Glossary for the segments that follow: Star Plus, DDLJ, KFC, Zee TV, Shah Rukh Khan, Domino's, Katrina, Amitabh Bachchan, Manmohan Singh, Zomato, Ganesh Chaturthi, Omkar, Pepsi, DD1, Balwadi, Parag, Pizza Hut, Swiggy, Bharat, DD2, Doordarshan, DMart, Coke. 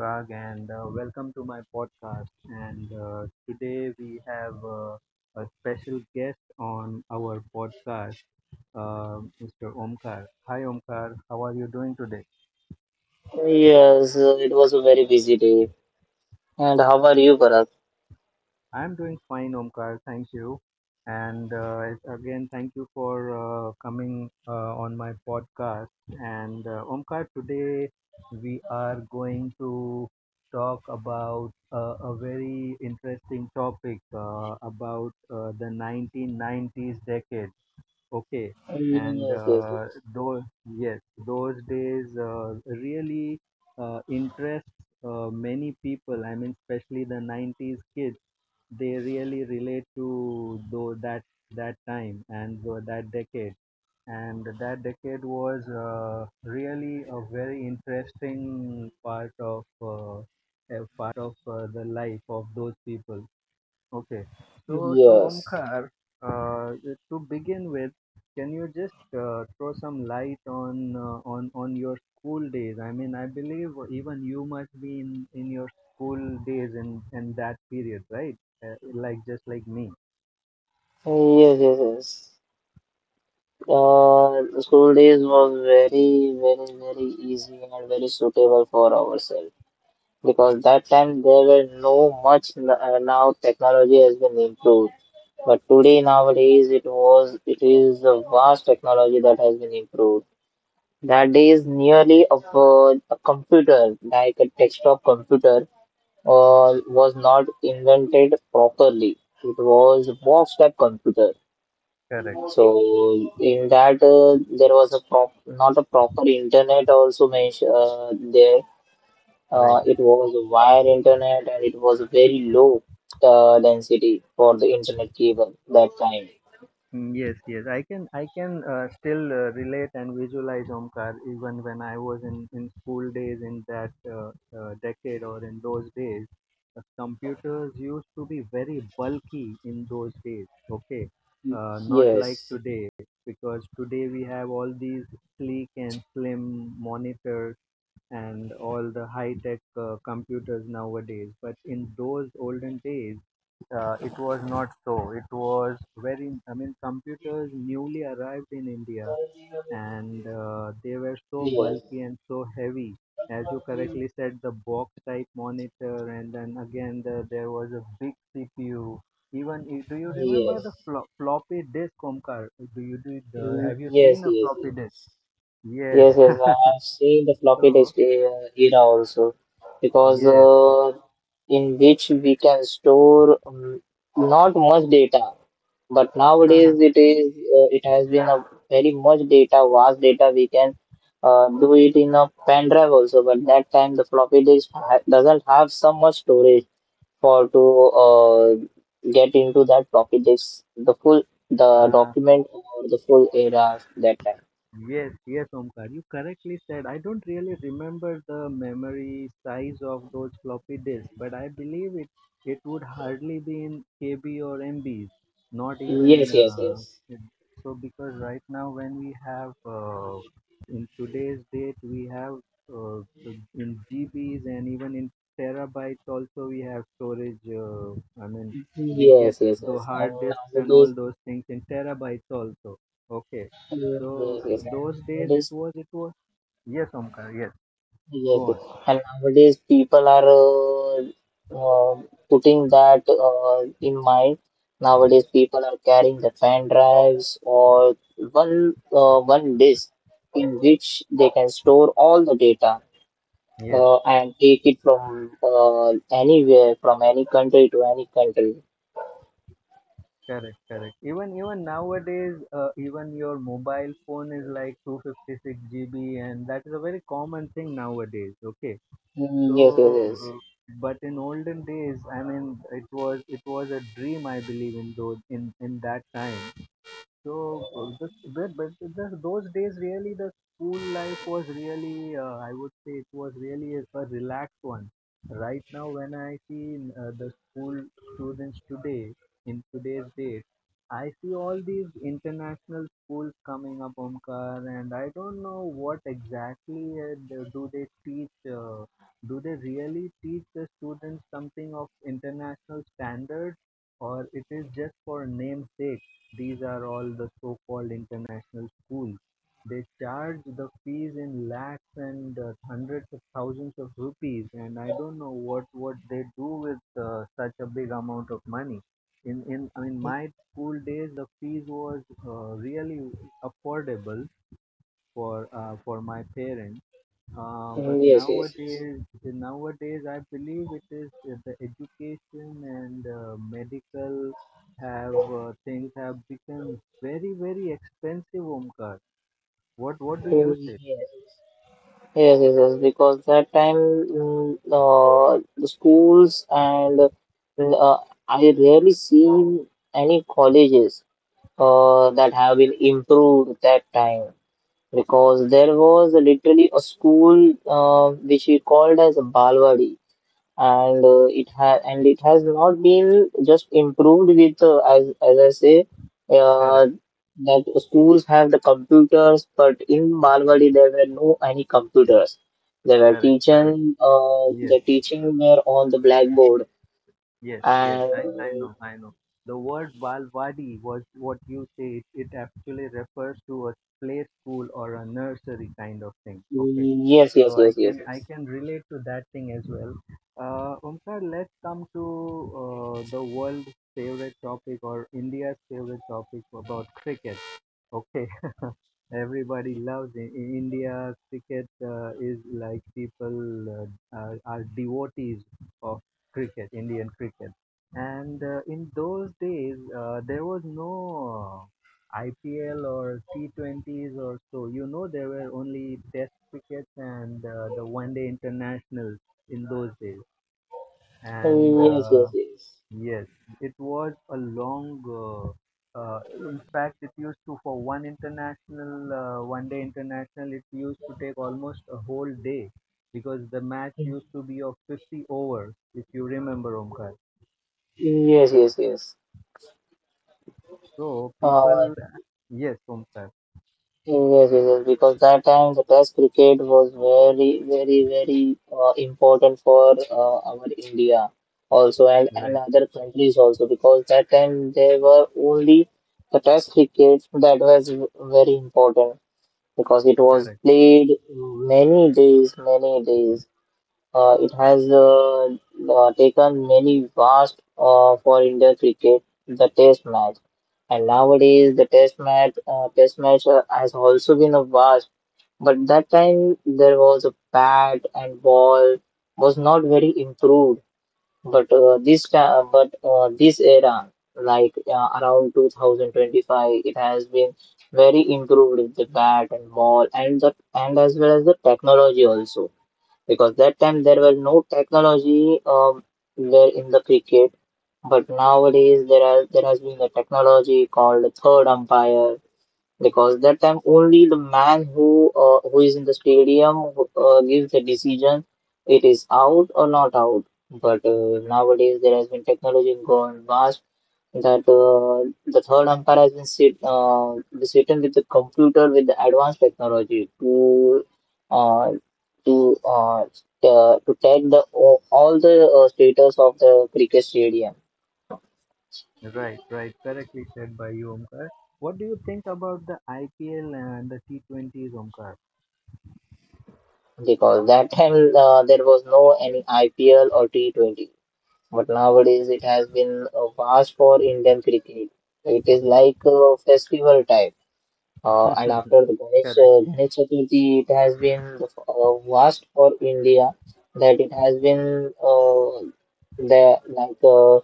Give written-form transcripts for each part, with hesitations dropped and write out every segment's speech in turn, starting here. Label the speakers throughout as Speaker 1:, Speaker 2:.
Speaker 1: Parag and welcome to my podcast. And today we have a special guest on our podcast, Mr. Omkar. Hi Omkar, how are you doing today?
Speaker 2: Yes, it was a very busy day. And how are you, Bharat?
Speaker 1: I'm doing fine, Omkar. Thank you. And again, thank you for coming on my podcast. And Omkar, today we are going to talk about a very interesting topic about the 1990s decade. Okay. And
Speaker 2: Yes, yes, yes.
Speaker 1: those, yes, those days really interests many people. I mean, especially the 90s kids they really relate to though that that time and that decade, and that decade was really a very interesting part of the life of those people. Okay. So
Speaker 2: Yes,
Speaker 1: Omkar, uh, to begin with, can you just throw some light on on your school days? I mean, I believe even you must be in your school days in that period, right? Like just like me.
Speaker 2: yes, yes. Yes. School days was very, very, very easy and very suitable for ourselves because that time there were no much. Now technology has been improved, but today nowadays it is the vast technology that has been improved. That is nearly of a computer like a desktop computer was not invented properly. It was box-type computer.
Speaker 1: Correct.
Speaker 2: So in that there was a prop not a proper internet also mentioned there.
Speaker 1: Right.
Speaker 2: It was a wire internet and it was very low density for the internet cable that time.
Speaker 1: Yes, yes, I can still relate and visualize Omkar even when I was in school days in that decade or in those days. Computers used to be very bulky in those days, okay? Not like
Speaker 2: Yes,
Speaker 1: today, because today we have all these sleek and slim monitors and all the high-tech computers nowadays. But in those olden days, it was not so. It was very, I mean, computers newly arrived in India and they were so
Speaker 2: yes,
Speaker 1: bulky and so heavy. As you
Speaker 2: yes,
Speaker 1: correctly said, the box type monitor, and then again, there was a big CPU. Even do you remember the
Speaker 2: yes,
Speaker 1: floppy disk, Omkar? Do you do it, have you
Speaker 2: yes.
Speaker 1: seen a
Speaker 2: Yes.
Speaker 1: floppy disk? Yes.
Speaker 2: Yes, yes, I have seen the floppy
Speaker 1: So
Speaker 2: disk era also because
Speaker 1: yes,
Speaker 2: in which we can store not much data, but nowadays it is it has been a very much data, vast data. We can do it in a pen drive also, but that time the floppy disk ha doesn't have so much storage for to uh, get into that floppy disk the
Speaker 1: uh,
Speaker 2: document or the full era that time.
Speaker 1: Yes, yes, Omkar, you correctly said. I don't really remember the memory size of those floppy disks, but I believe it would hardly be in KB or MBs, not even
Speaker 2: Yes, yes, yes.
Speaker 1: so. Because right now, when we have in today's date, we have uh, in GBs and even in terabytes also we have storage. I mean, we get
Speaker 2: Yes, yes,
Speaker 1: the
Speaker 2: yes.
Speaker 1: hard
Speaker 2: And
Speaker 1: disks and all
Speaker 2: nowadays,
Speaker 1: those things in terabytes also. Okay,
Speaker 2: mm,
Speaker 1: so
Speaker 2: yes, yes. And
Speaker 1: those days it
Speaker 2: nowadays,
Speaker 1: was it was. Yes, Omkar. Yes,
Speaker 2: yes,
Speaker 1: go
Speaker 2: yes.
Speaker 1: on.
Speaker 2: And nowadays, people are putting that in mind. Nowadays, people are carrying the fan drives or one disk in which they can store all the data
Speaker 1: Yes,
Speaker 2: and take it from anywhere, from any country to any country.
Speaker 1: correct, correct. Even even nowadays, even your mobile phone is like 256 GB, and that is a very common thing nowadays. Okay, so
Speaker 2: Yes, yes, yes.
Speaker 1: uh, but in olden days, I mean, it was a dream, I believe, in those in that time. So, this, but the, those days really the school life was really, I would say it was really a relaxed one. Right now, when I see the school students today, in today's date, I see all these international schools coming up, Omkar, and I don't know what exactly do they teach. Do they really teach the students something of international standards, or it is just for namesake? These are all the so-called international schools. They charge the fees in lakhs and hundreds of thousands of rupees, and I don't know what they do with such a big amount of money. In my school days, the fees was really affordable for my parents but
Speaker 2: Yes, yes, yes.
Speaker 1: nowadays, nowadays, I believe it is the education and medical have things have become very, very expensive. Omkar, what do you say?
Speaker 2: Yes. Yes, yes, yes, because that time the schools and mm, uh, I rarely seen any colleges that have been improved that time because there was literally a school which we called as Balwadi and it has and it has not been just improved with as I say
Speaker 1: Correct,
Speaker 2: uh, that schools have the computers, but in Balwadi there were no any computers. They were
Speaker 1: correct, correct.
Speaker 2: teaching
Speaker 1: Yes,
Speaker 2: the teaching were on the blackboard
Speaker 1: yes, yes.
Speaker 2: and
Speaker 1: I know, I know. The word Balwadi was what you say. It actually refers to a play school or a nursery kind of thing. Okay.
Speaker 2: yes, yes,
Speaker 1: So i
Speaker 2: yes, yes,
Speaker 1: can i
Speaker 2: yes.
Speaker 1: can relate to that thing as well Omkar. Let's come to the world's favorite topic or India's favorite topic about cricket. Okay, everybody loves in India. Cricket is like people are devotees of cricket, Indian cricket. And in those days, there was no IPL or T20s or so. You know, there were only Test crickets and the One Day Internationals in those days. And
Speaker 2: Yes, yes, yes.
Speaker 1: Yes, it was a long, in fact, it used to, for one international, one day international, it used to take almost a whole day because the match used to be of 50 overs, if you remember, Omkar.
Speaker 2: Yes, yes, yes.
Speaker 1: So
Speaker 2: Uh,
Speaker 1: people, yes, Omkar,
Speaker 2: Yes, yes, yes, because that time the test cricket was very, very, very important for our India also and
Speaker 1: right,
Speaker 2: other countries also because that time there were only the test cricket that was very important because it was
Speaker 1: correct,
Speaker 2: played many days, many days. It has taken many vast for Indian cricket, the test match. And nowadays, the test match has also been a vast. But that time, there was a bat and ball was not very improved. But this era, like around 2025, it has been very improved with the bat and ball and the and as well as the technology also because that time there were no technology there in the cricket but nowadays there has been a technology called the third umpire because that time only the man who is in the stadium who gives the decision it is out or not out but nowadays there has been technology gone vast that the third umpire has been sitting with the computer with the advanced technology uh, to take the all the status of the cricket stadium
Speaker 1: right, right, correctly said by you, Omkar. What do you think about the IPL and the T20s, Omkar?
Speaker 2: because that time there was no any IPL or T20 but nowadays it has been vast for Indian cricket. It is like a festival type. And after the Ganesh,
Speaker 1: Correct,
Speaker 2: Ganesh Chaturthi, it has been vast for India that it has been the like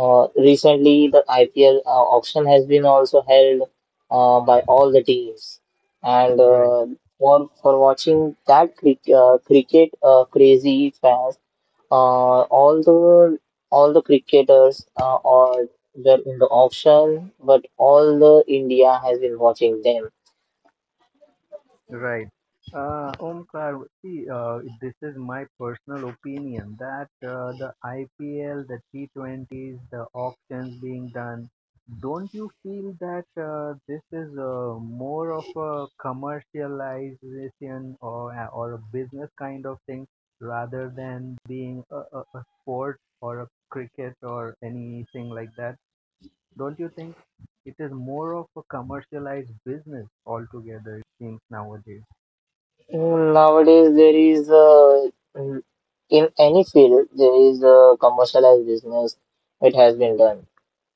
Speaker 2: recently the IPL auction has been also held by all the teams, and
Speaker 1: right.
Speaker 2: for watching that cricket crazy fans, uh, all the all the cricketers are were in the auction, but all the India has been watching them.
Speaker 1: Right. Omkar, see, this is my personal opinion that the IPL, the T20s, the auctions being done, don't you feel that this is more of a commercialization or, or a business kind of thing rather than being a sport or a cricket or anything like that? Don't you think it is more of a commercialized business altogether, it seems nowadays?
Speaker 2: Nowadays, there is mm, in any field there is a commercialized business. It has been done,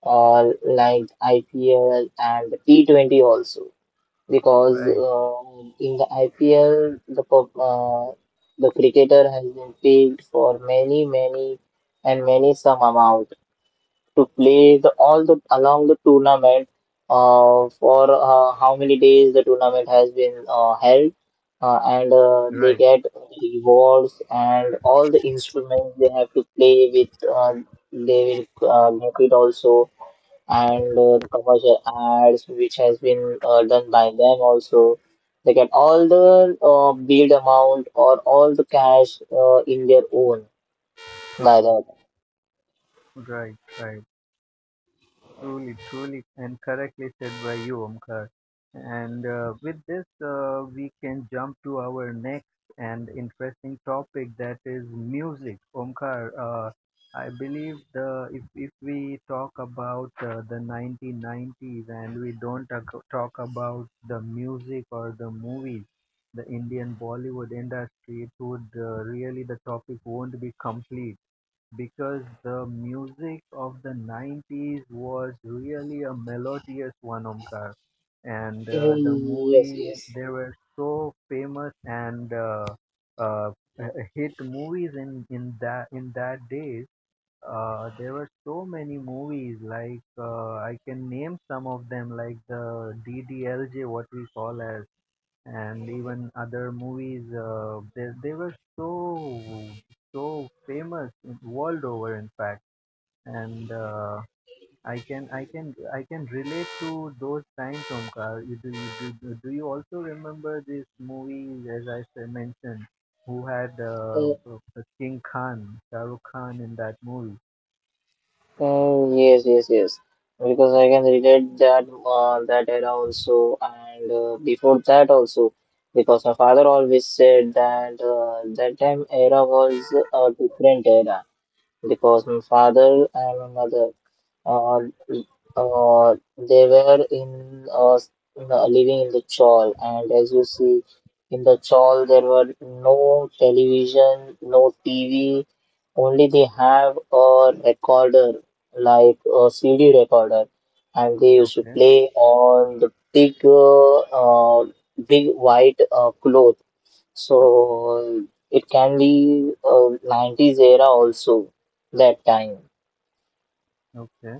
Speaker 2: or like IPL and T20 also, because
Speaker 1: Right,
Speaker 2: in the IPL the cricketer has been paid for many many and many some amount to play the all the along the tournament for how many days the tournament has been held and they
Speaker 1: right,
Speaker 2: get rewards and all the instruments they have to play with they will get it also and the commercial ads which has been done by them also they get all the build amount or all the cash in their own by that.
Speaker 1: right, right. Truly, truly, and correctly said by you, Omkar. And with this, we can jump to our next and interesting topic, that is music. Omkar, I believe the if we talk about the 1990s and we don't talk about the music or the movies, the Indian Bollywood industry, it would really the topic won't be complete because the music of the 90s was really a melodious one, Omkar. And the
Speaker 2: Yes,
Speaker 1: movies,
Speaker 2: yes.
Speaker 1: they were so famous and uh, hit movies in that days. There were so many movies, like I can name some of them, like the DDLJ, what we call as, and even other movies they were so so famous in- world over in fact, and I can I can relate to those times Omkar. You do, you do, do you also remember these movies as I said, mentioned who had King Khan Shah Rukh Khan in that movie.
Speaker 2: Yes, yes, yes. Because I can relate that era also, and before that also, because my father always said that that time era was a different era. Because my father and my mother uh, they were in living in the chawl, and as you see in the chawl, there were no television, no TV, only they have a recorder like a CD recorder, and they used to
Speaker 1: Okay,
Speaker 2: play on the big, big white cloth. So it can be 90s era also that time
Speaker 1: okay,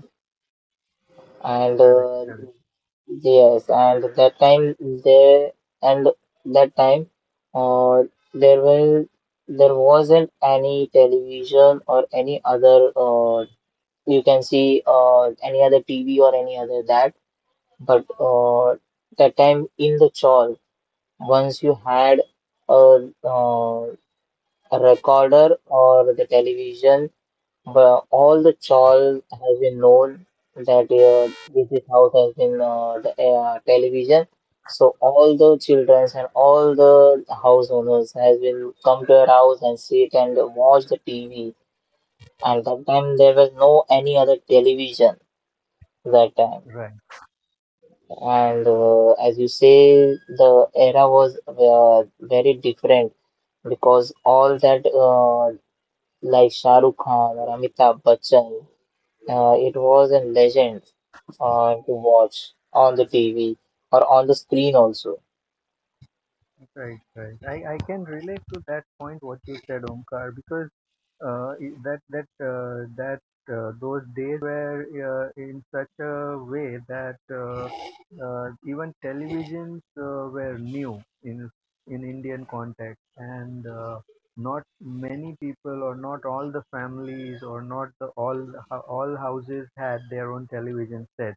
Speaker 2: and
Speaker 1: correct, correct.
Speaker 2: Yes, and there and that time uh, there will there wasn't any television or any other you can see any other TV or any other that but that time in the chawl once you had a, uh, a recorder or the television but all the chores have been known that this is how it has been the television. So all the children and all the house owners has been come to our house and sit and watch the TV. And that time there was no any other television that time.
Speaker 1: Right,
Speaker 2: And as you say, the era was very different because all that like Shah Rukh Khan or Amitabh Bachchan. It was a legend to watch on the TV or on the screen also.
Speaker 1: right, right. I can relate to that point what you said, Omkar, because that that that those days were in such a way that even televisions were new in Indian context, and not many people or not all the families or not the all houses had their own television set,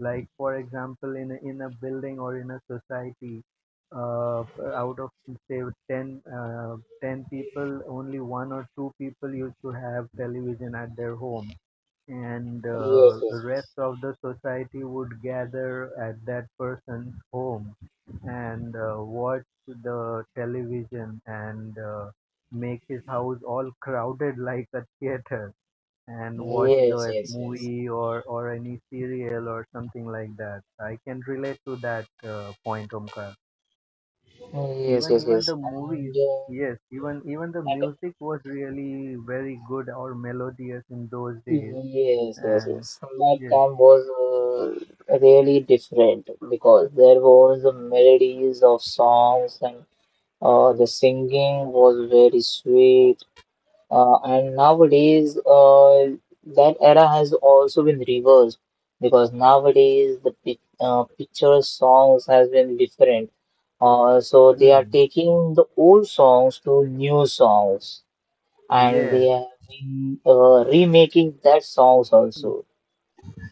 Speaker 1: like for example in a building or in a society uh, out of say 10 10 people only one or two people used to have television at their home and
Speaker 2: Yes, yes,
Speaker 1: rest of the society would gather at that person's home and watch the television and make his house all crowded like a theater and watch
Speaker 2: yes,
Speaker 1: the
Speaker 2: yes, yes,
Speaker 1: movie or any serial or something like that. I can relate to that point, Omkar.
Speaker 2: yes,
Speaker 1: Even
Speaker 2: yes,
Speaker 1: even
Speaker 2: yes.
Speaker 1: the movies, yes, even even the music was really very good or melodious in those days.
Speaker 2: And yes, yes,
Speaker 1: And
Speaker 2: yes. That
Speaker 1: yes,
Speaker 2: time was really different because there was the melodies of songs and the singing was very sweet. And nowadays, that era has also been reversed because nowadays the picture songs has been different. So they are
Speaker 1: mm,
Speaker 2: taking the old songs to new songs, and they
Speaker 1: yes.
Speaker 2: have been remaking that songs also.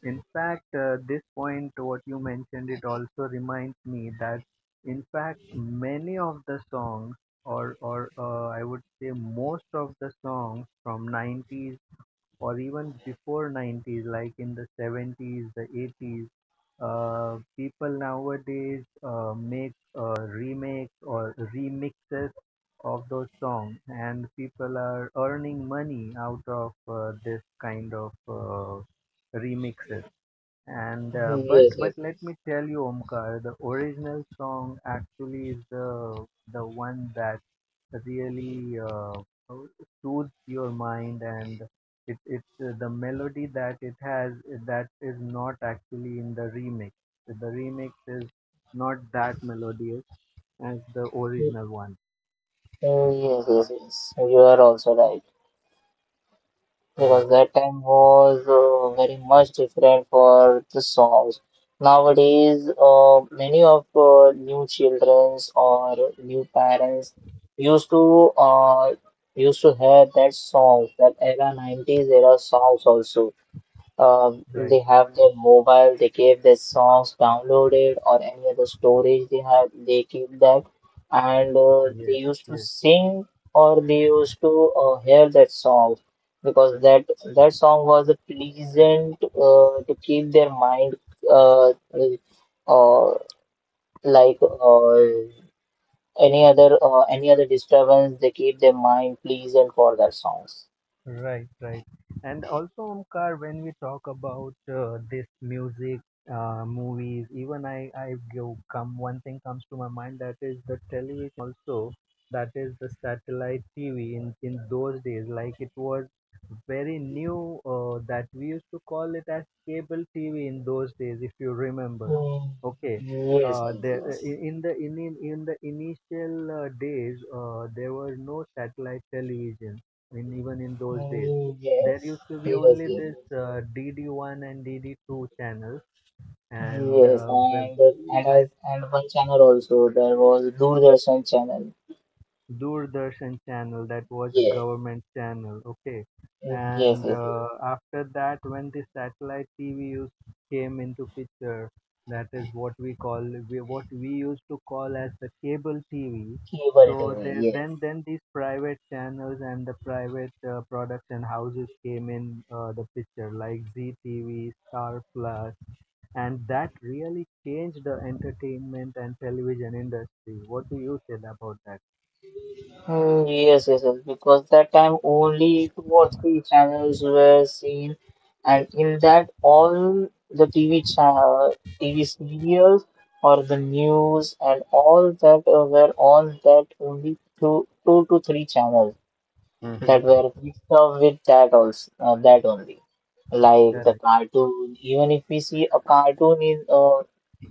Speaker 1: In fact, this point, what you mentioned, it also reminds me that, in fact, many of the songs, or I would say most of the songs from 90s or even before 90s, like in the 70s, the 80s, people nowadays make remakes or remixes of those songs, and people are earning money out of this kind of remixes. And uh, but
Speaker 2: Yes,
Speaker 1: but
Speaker 2: yes,
Speaker 1: let
Speaker 2: yes,
Speaker 1: me tell you, Omkar, the original song actually is the one that really soothes your mind, and it's the melody that it has that is not actually in the remix. The remix is not that melodious as the original one.
Speaker 2: Yes, yes, yes. You are also right, because
Speaker 1: Correct.
Speaker 2: that time was very much different for the songs. Nowadays, many of new childrens or new parents used to uh, used to hear that songs, that era 90s era songs also. They
Speaker 1: Right.
Speaker 2: have their mobile, they keep their songs downloaded or any other storage they have, they keep that. And they
Speaker 1: Yes.
Speaker 2: used to
Speaker 1: Yes.
Speaker 2: sing or they used to hear that song because that song was a pleasant to keep their mind uh, uh, like any other disturbance, they keep their mind pleasant for that songs.
Speaker 1: Right, right. And also, Omkar, when we talk about this music, movies, even I go come one thing comes to my mind, that is the television also, that is the satellite TV in those days. Like it was very new that we used to call it as cable TV in those days, if you remember.
Speaker 2: Mm.
Speaker 1: Okay.
Speaker 2: Yes, yes, yes.
Speaker 1: The in the initial days, there was no satellite television in even in those days.
Speaker 2: Yes,
Speaker 1: There used to be
Speaker 2: yes, yes,
Speaker 1: only this
Speaker 2: yes.
Speaker 1: DD1 and DD2 channels, and
Speaker 2: Yes, and and
Speaker 1: I
Speaker 2: as and one channel also there was Doordarshan channel.
Speaker 1: Doordarshan channel, that was a
Speaker 2: Yes,
Speaker 1: government channel, okay.
Speaker 2: yes, yes,
Speaker 1: And
Speaker 2: yes.
Speaker 1: after that, when the satellite TV used came into picture, that is what we call we, what we used to call as the cable TV.
Speaker 2: Cable
Speaker 1: So
Speaker 2: TV.
Speaker 1: there,
Speaker 2: Yes,
Speaker 1: then these private channels and the private production houses came in the picture, like Zee TV, Star Plus, and that really changed the entertainment and television industry. What do you say about that?
Speaker 2: Yes, yes, yes. Because that time only two or three channels were seen, and in that all the TV channel, TV serials or the news and all that were on that only two, two to three channels,
Speaker 1: Mhm.
Speaker 2: that were mixed up with that also that only like the
Speaker 1: Correct.
Speaker 2: cartoon even if we see a cartoon in uh,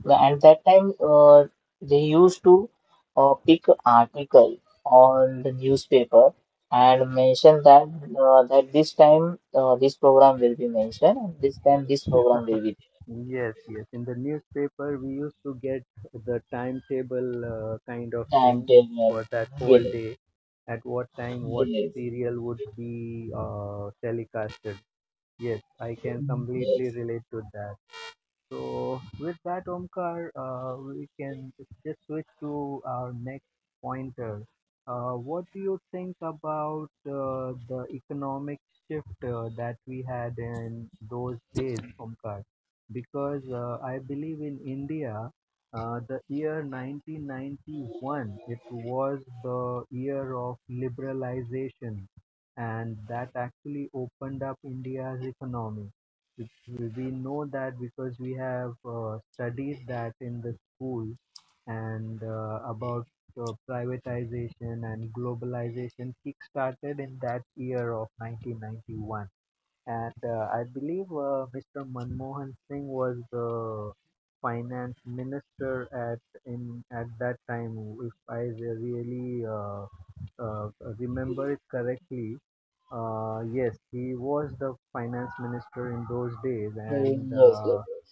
Speaker 2: the- at that time they used to pick article on the newspaper and mention that that this time this program will be mentioned and this time this program will be
Speaker 1: Yes, yes. In the newspaper, we used to get the timetable kind of thing for
Speaker 2: timetable.
Speaker 1: that whole
Speaker 2: Yes,
Speaker 1: day. At what time, what
Speaker 2: yes,
Speaker 1: serial would be telecasted? Yes, I
Speaker 2: yes,
Speaker 1: can
Speaker 2: yes,
Speaker 1: completely relate to that. So with that, Omkar, we can just switch to our next pointer. What do you think about the economic shift that we had in those days, Omkar? Because I believe in India, the year 1991, it was the year of liberalization, and that actually opened up India's economy. We know that because we have studied that in the school and about privatization and globalization kick-started in that year of 1991. And I believe Mr. Manmohan Singh was the finance minister at that time, if I really uh, remember it correctly. Yes, he was the finance minister in those days, and
Speaker 2: yes, yes,
Speaker 1: uh,
Speaker 2: yes,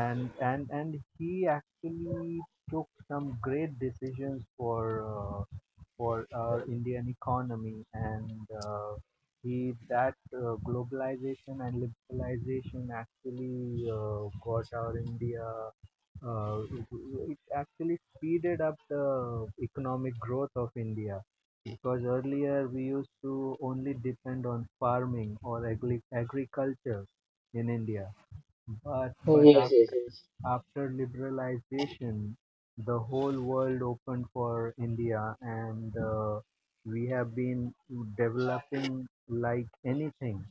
Speaker 1: and and and he actually took some great decisions for our Indian economy and he that globalization and liberalization actually got our India, uh, it actually speeded up the economic growth of India because earlier we used to only depend on farming or agriculture in India but but
Speaker 2: yes, yes,
Speaker 1: after
Speaker 2: yes.
Speaker 1: after liberalization, the whole world opened for India, and we have been developing like anything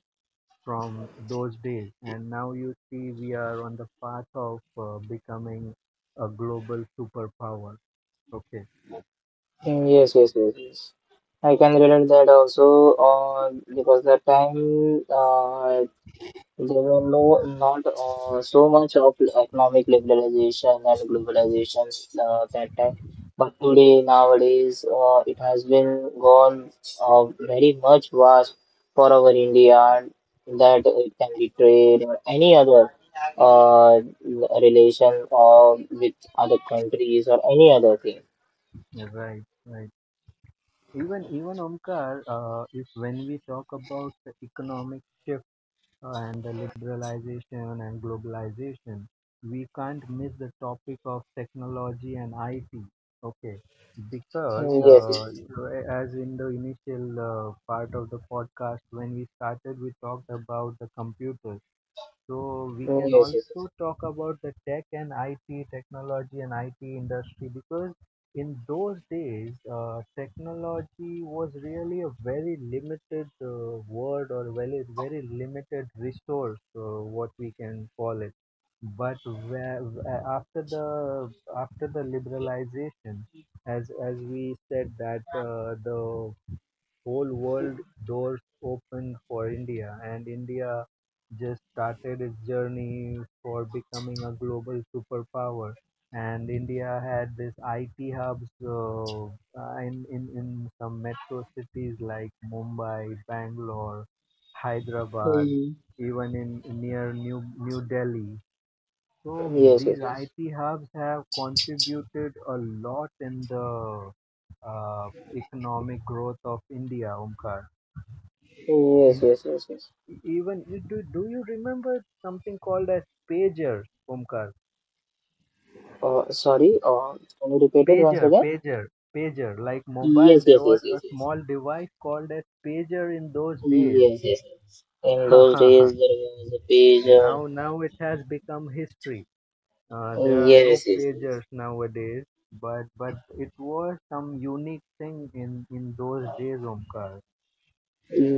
Speaker 1: from those days. And now you see, we are on the path of becoming a global superpower. Okay,
Speaker 2: Yes, yes, yes, yes. I can relate that also because that time there were no not so much of economic liberalization and globalization that time. But today nowadays it has been gone very much vast for our India that it can be trade or any other uh, relation or with other countries or any other thing.
Speaker 1: right, right. Even Omkar, if when we talk about the economic shift and the liberalization and globalization, we can't miss the topic of technology and IT. Okay, because
Speaker 2: Yes,
Speaker 1: as in the initial part of the podcast, when we started, we talked about the computer so we
Speaker 2: yes,
Speaker 1: can
Speaker 2: yes, yes.
Speaker 1: also talk about the tech and IT, technology and IT industry because in those days, technology was really a very limited word or very limited resource, what we can call it. But where, after the liberalization, as we said that the whole world doors opened for India, and India just started its journey for becoming a global superpower. And India had this IT hubs in some metro cities like Mumbai, Bangalore, Hyderabad,
Speaker 2: Mm.
Speaker 1: even in near New Delhi. So
Speaker 2: Yes, yes,
Speaker 1: these
Speaker 2: yes.
Speaker 1: IT hubs have contributed a lot in the uh, economic growth of India, Omkar.
Speaker 2: Yes,
Speaker 1: In
Speaker 2: yes, yes, yes.
Speaker 1: even You do do you remember something called as pager, Omkar?
Speaker 2: Sorry, can you repeat it once
Speaker 1: Pager,
Speaker 2: again?
Speaker 1: pager, like mobile.
Speaker 2: Yes, yes,
Speaker 1: There was
Speaker 2: yes, yes,
Speaker 1: a
Speaker 2: yes.
Speaker 1: small device called as pager in those days.
Speaker 2: Yes, yes, yes. In those days, there was a pager.
Speaker 1: Now it has become history. There are no
Speaker 2: Yes, yes, yes.
Speaker 1: pagers nowadays, but it was some unique thing in those days, Omkar,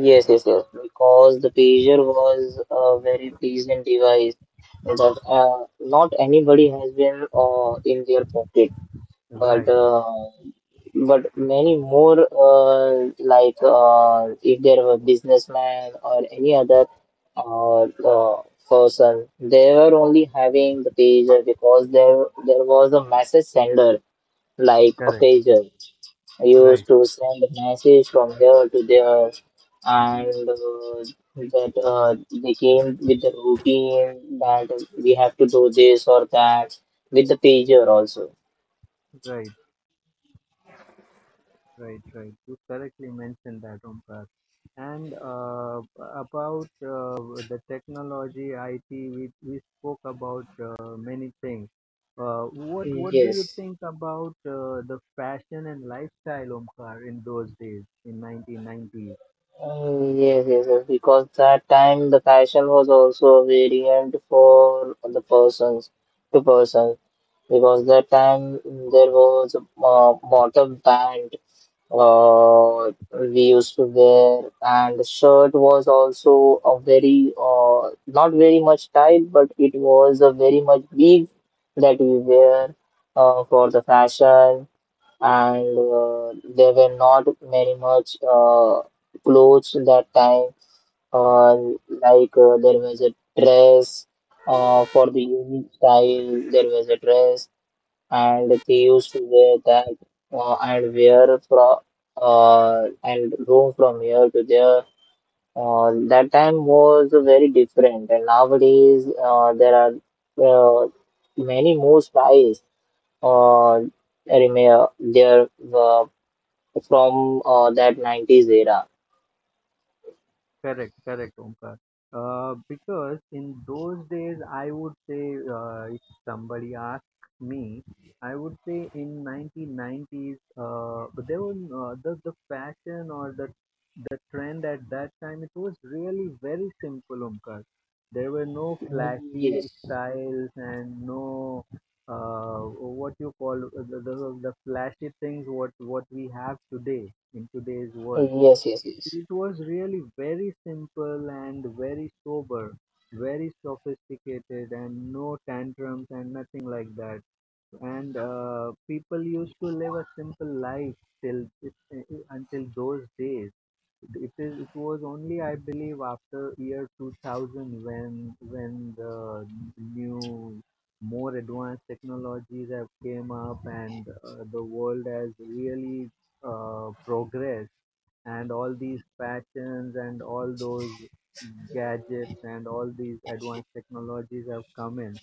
Speaker 2: Yes, yes, yes. Because the pager was a very pleasant device that not anybody has been in their pocket. but
Speaker 1: right?
Speaker 2: uh, but many more, like, if there were businessman or any other, uh, uh, person, they were only having the pager because there was a message sender like a
Speaker 1: Correct,
Speaker 2: pager
Speaker 1: right,
Speaker 2: used to send a message from here to there, and that, they came with the routine that we have to do this or that with the pager also.
Speaker 1: right. Right, right. You correctly mentioned that, Omkar. And about the technology, IT, we spoke about many things. What do you
Speaker 2: Yes.
Speaker 1: think about the fashion and lifestyle, Omkar, in those days, in 1990s?
Speaker 2: Yes, yes, yes, because that time the fashion was also variant for the persons to persons because that time there was a, bottom band, uh, we used to wear and the shirt was also a very, not very much tight but it was a very much big that we wear, for the fashion and, there were not many much, clothes that time, uh, like, there was a dress, for the unique style there was a dress and they used to wear that, and wear from, and roam from here to there, that time was very different and nowadays, there are, uh, many more styles, uh, remain there, uh, from that 90s era.
Speaker 1: Correct, correct, Omkar. Because in those days, I would say, if somebody asked me, I would say in 1990s, but there was the fashion or the trend at that time. It was really very simple, Omkar. There were no flashy
Speaker 2: Yes,
Speaker 1: styles and no uh, what you call the, the flashy things what we have today in today's world.
Speaker 2: yes, yes,
Speaker 1: it
Speaker 2: yes,
Speaker 1: it was really very simple and very sober, very sophisticated, and no tantrums and nothing like that. And people used to live a simple life till until those days. It is. It was only, I believe, after year 2000 when the new more advanced technologies have came up and the world has really progressed and all these patterns and all those gadgets and all these advanced technologies have come in.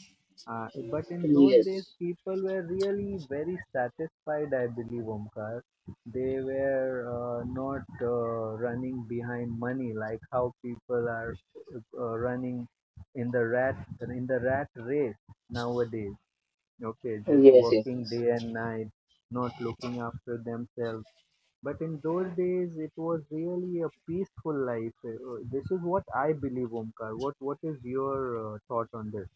Speaker 1: But in those days,
Speaker 2: yes,
Speaker 1: people were really very satisfied, I believe, Omkar. They were not running behind money like how people are running in the rat, race nowadays. Okay, just
Speaker 2: yes, yes,
Speaker 1: working
Speaker 2: yes.
Speaker 1: day and night, not looking after themselves, but in those days, it was really a peaceful life. This is what I believe, Omkar. What is your thought on this?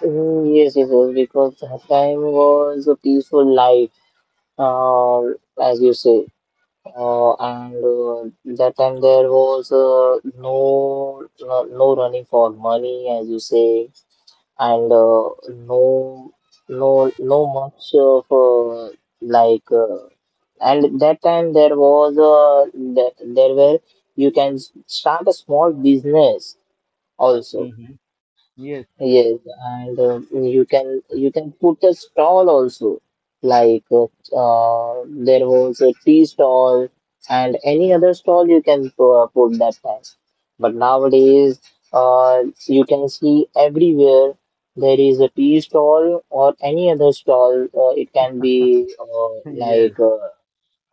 Speaker 2: Mm, yes, yes, yes, because that time was a peaceful life, uh, as you say, and that time there was, no, no running for money, as you say, and, no no much of, like. And that time there was there were you can start a small business also,
Speaker 1: Hmm. Yes,
Speaker 2: yes, and, you can put a stall also, like, there was a tea stall and any other stall you can, put that time, but nowadays, you can see everywhere there is a tea stall or any other stall, it can be,
Speaker 1: yes.
Speaker 2: like, uh,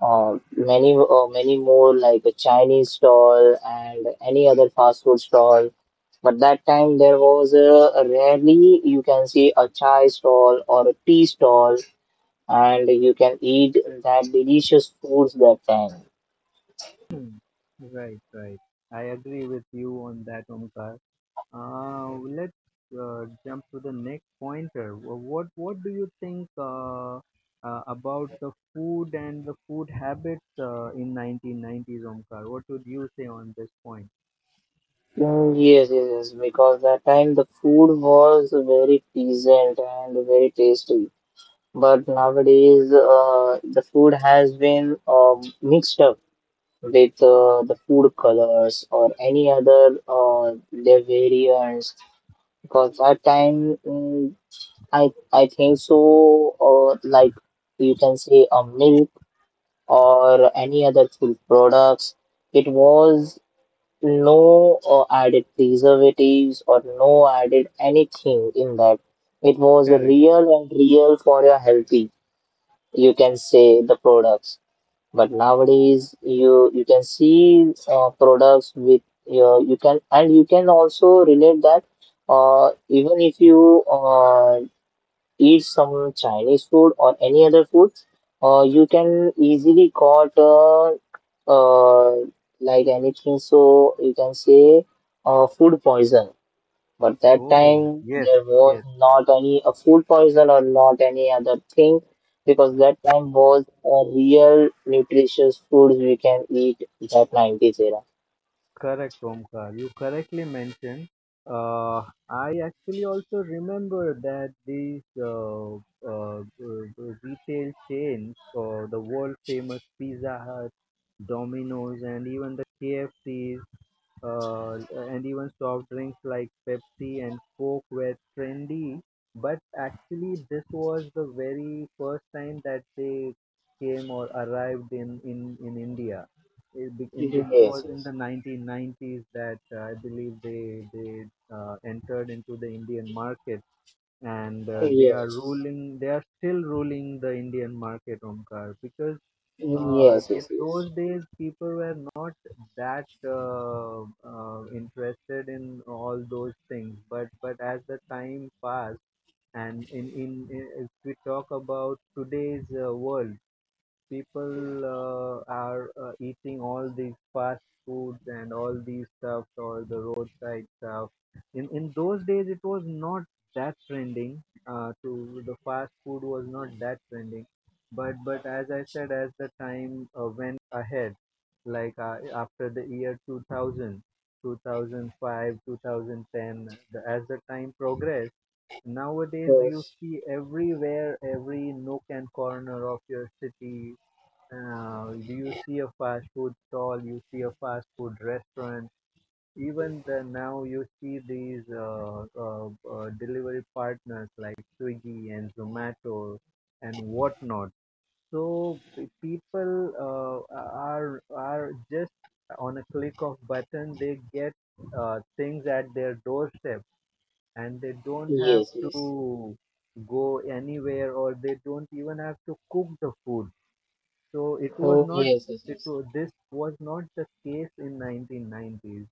Speaker 2: uh, many uh, many more like a Chinese stall and any other fast food stall. But that time there was a rarely you can see a chai stall or a tea stall, and you can eat that delicious foods that time.
Speaker 1: Hmm. Right, right. I agree with you on that, Omkar. Uh, let's jump to the next pointer. What do you think about the food and the food habits in 1990s, Omkar? What would you say on this point?
Speaker 2: Mm, yes, yes, yes, because that time the food was very pleasant and very tasty. But nowadays, the food has been, mixed up with, the food colors or any other, their variants, because at time, I think so, like you can say a milk or any other food products, it was no, added preservatives or no added anything in that, it was
Speaker 1: Correct.
Speaker 2: real and real for your healthy, you can say the products. But nowadays, you can see, products with your, you can, and you can also relate that, even if you, eat some Chinese food or any other food, you can easily got, uh, like anything. So you can say, food poison. But that
Speaker 1: Oh,
Speaker 2: time
Speaker 1: yes,
Speaker 2: there was
Speaker 1: yes.
Speaker 2: not any a food poison or not any other thing, because that time was a real nutritious foods we can eat, that 90s era.
Speaker 1: Correct, Omkar. You correctly mentioned. Uh, I actually also remember that these retail chains, or the world famous Pizza Hut, Domino's, and even the KFCs, uh, and even soft drinks like Pepsi and Coke were trendy. But actually, this was the very first time that they came or arrived in India. It
Speaker 2: Yeah.
Speaker 1: was
Speaker 2: Yes,
Speaker 1: in
Speaker 2: yes.
Speaker 1: the 1990s that I believe they entered into the Indian market, and they are
Speaker 2: Yes.
Speaker 1: ruling. They are still ruling the Indian market, Omkar, because
Speaker 2: Yes,
Speaker 1: in
Speaker 2: yes, yes.
Speaker 1: those days, people were not that interested in all those things. But as the time passed, and in if we talk about today's world, people are eating all these fast foods and all these stuffs or the roadside stuff. In those days, it was not that trending. To the fast food was not that trending, but as I said, as the time went ahead, like after the year 2000, two thousand 2010, the, as the time progressed, nowadays you
Speaker 2: Yes,
Speaker 1: see everywhere, every nook and corner of your city, do you see a fast food stall, you see a fast food restaurant. Even the now you see these delivery partners like Swiggy and Zomato and whatnot. So people are, just on a click of button, they get things at their doorstep, and they don't have
Speaker 2: yes.
Speaker 1: to go anywhere, or they don't even have to cook the food. So it was
Speaker 2: Mm,
Speaker 1: not
Speaker 2: yes, yes,
Speaker 1: it
Speaker 2: yes.
Speaker 1: was, this was not the case in 1990s.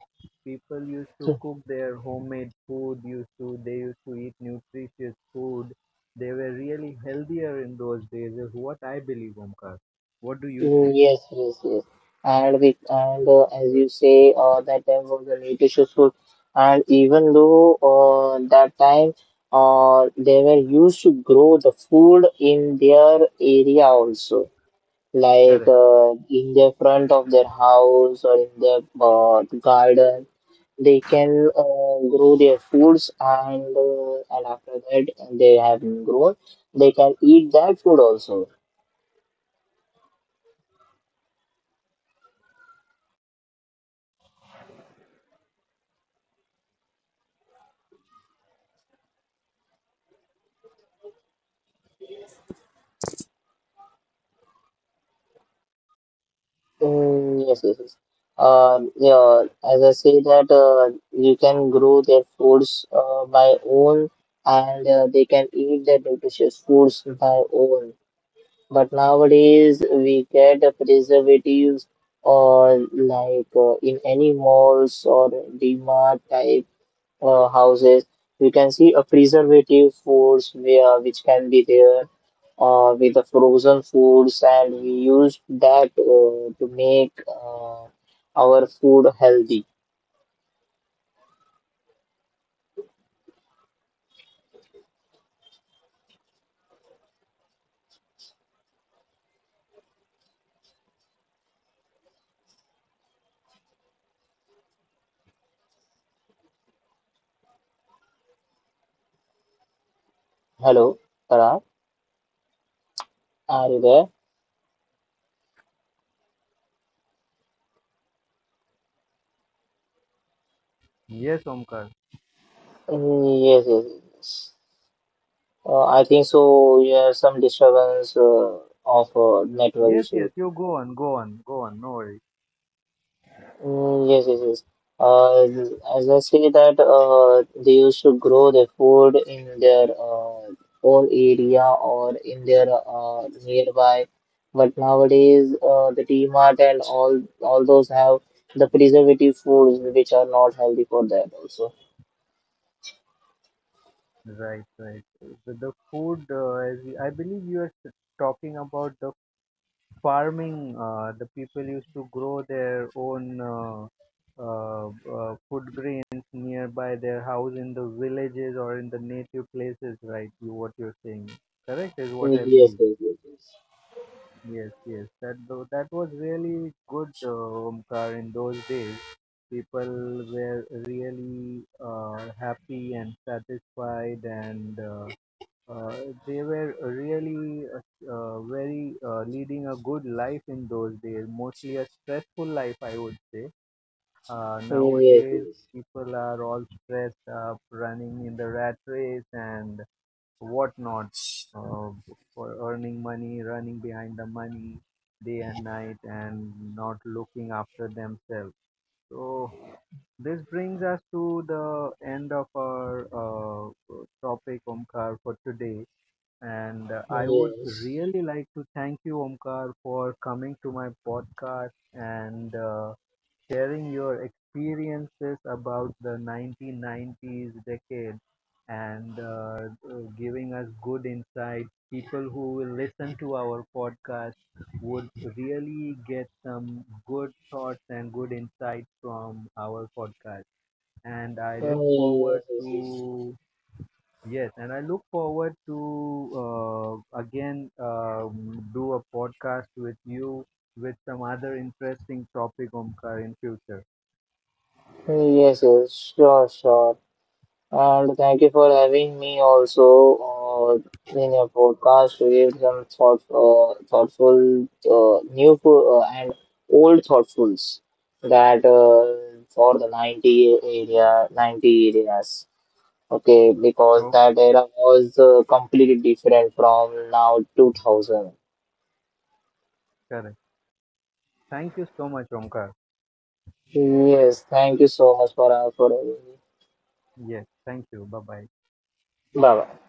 Speaker 1: People used to cook their homemade food, used to they used to eat nutritious food. They were really healthier in those days is what I believe, Omkar. What do you
Speaker 2: Mm,
Speaker 1: think?
Speaker 2: yes, yes, yes. And we, and, as you say, that time was a little stressful. And even though, that time, they were used to grow the food in their area also, like,
Speaker 1: Correct.
Speaker 2: in the front of their house or in their, garden, they can, grow their foods and, and after that they have grown, they can eat that food also. Mm, yes, yes, yes. Yeah, as I say that, you can grow their foods, by own, and, they can eat their nutritious foods by own. But nowadays we get the preservatives, or like, in any malls or DMart type, houses, we can see a preservative foods where, which can be there, with the frozen foods, and we use that, to make, our food healthy. Hello, Parag, are you there?
Speaker 1: Yes, Omkar.
Speaker 2: Mm, yes, yes, yes. I think so. Yeah, some disturbance, of, network
Speaker 1: Yes, yes,
Speaker 2: issue.
Speaker 1: you go on, go on, go on. No worries.
Speaker 2: Mm, yes, yes, yes. Uh, as I say that, they used to grow their food in their, own area or in their, nearby, but nowadays, the Mart and all those have the preservative foods which are not healthy for that also.
Speaker 1: Right, right. The food, I believe you are talking about the farming. The people used to grow their own uh, food grains nearby their house in the villages or in the native places, right? You, what you're saying. Correct is
Speaker 2: Mm,
Speaker 1: what I
Speaker 2: yes,
Speaker 1: believe.
Speaker 2: yes, yes, yes.
Speaker 1: Yes, yes. That was really good, Omkar. In those days, people were really happy and satisfied, and uh, they were really very leading a good life in those days. Mostly a stressful life, I would say.
Speaker 2: Mm, yes,
Speaker 1: Nowadays,
Speaker 2: yes.
Speaker 1: people are all stressed up, running in the rat race, and whatnot uh, for earning money, running behind the money day and night, and not looking after themselves. So, this brings us to the end of our topic, Omkar, for today. And I would really like to thank you, Omkar, for coming to my podcast and sharing your experiences about the 1990s decade and giving us good insight. People who will listen to our podcast would really get some good thoughts and good insight from our podcast. And
Speaker 2: Mm,
Speaker 1: I
Speaker 2: yes. Mm,
Speaker 1: look forward
Speaker 2: yes, yes, yes.
Speaker 1: to, yes, and I look forward to again do a podcast with you with some other interesting topic, Omkar, in future.
Speaker 2: Mm, yes, yes, sure, sure. And thank you for having me also, uh, in your podcast to give some thought, thoughtful, and old thoughtfuls that, for the 90 area, 90 areas. Okay, because that era was, completely different from now 2000.
Speaker 1: Correct. Thank you so much, Omkar.
Speaker 2: Yes, thank you so much for having me.
Speaker 1: Yes, thank you. Bye bye.
Speaker 2: Bye bye.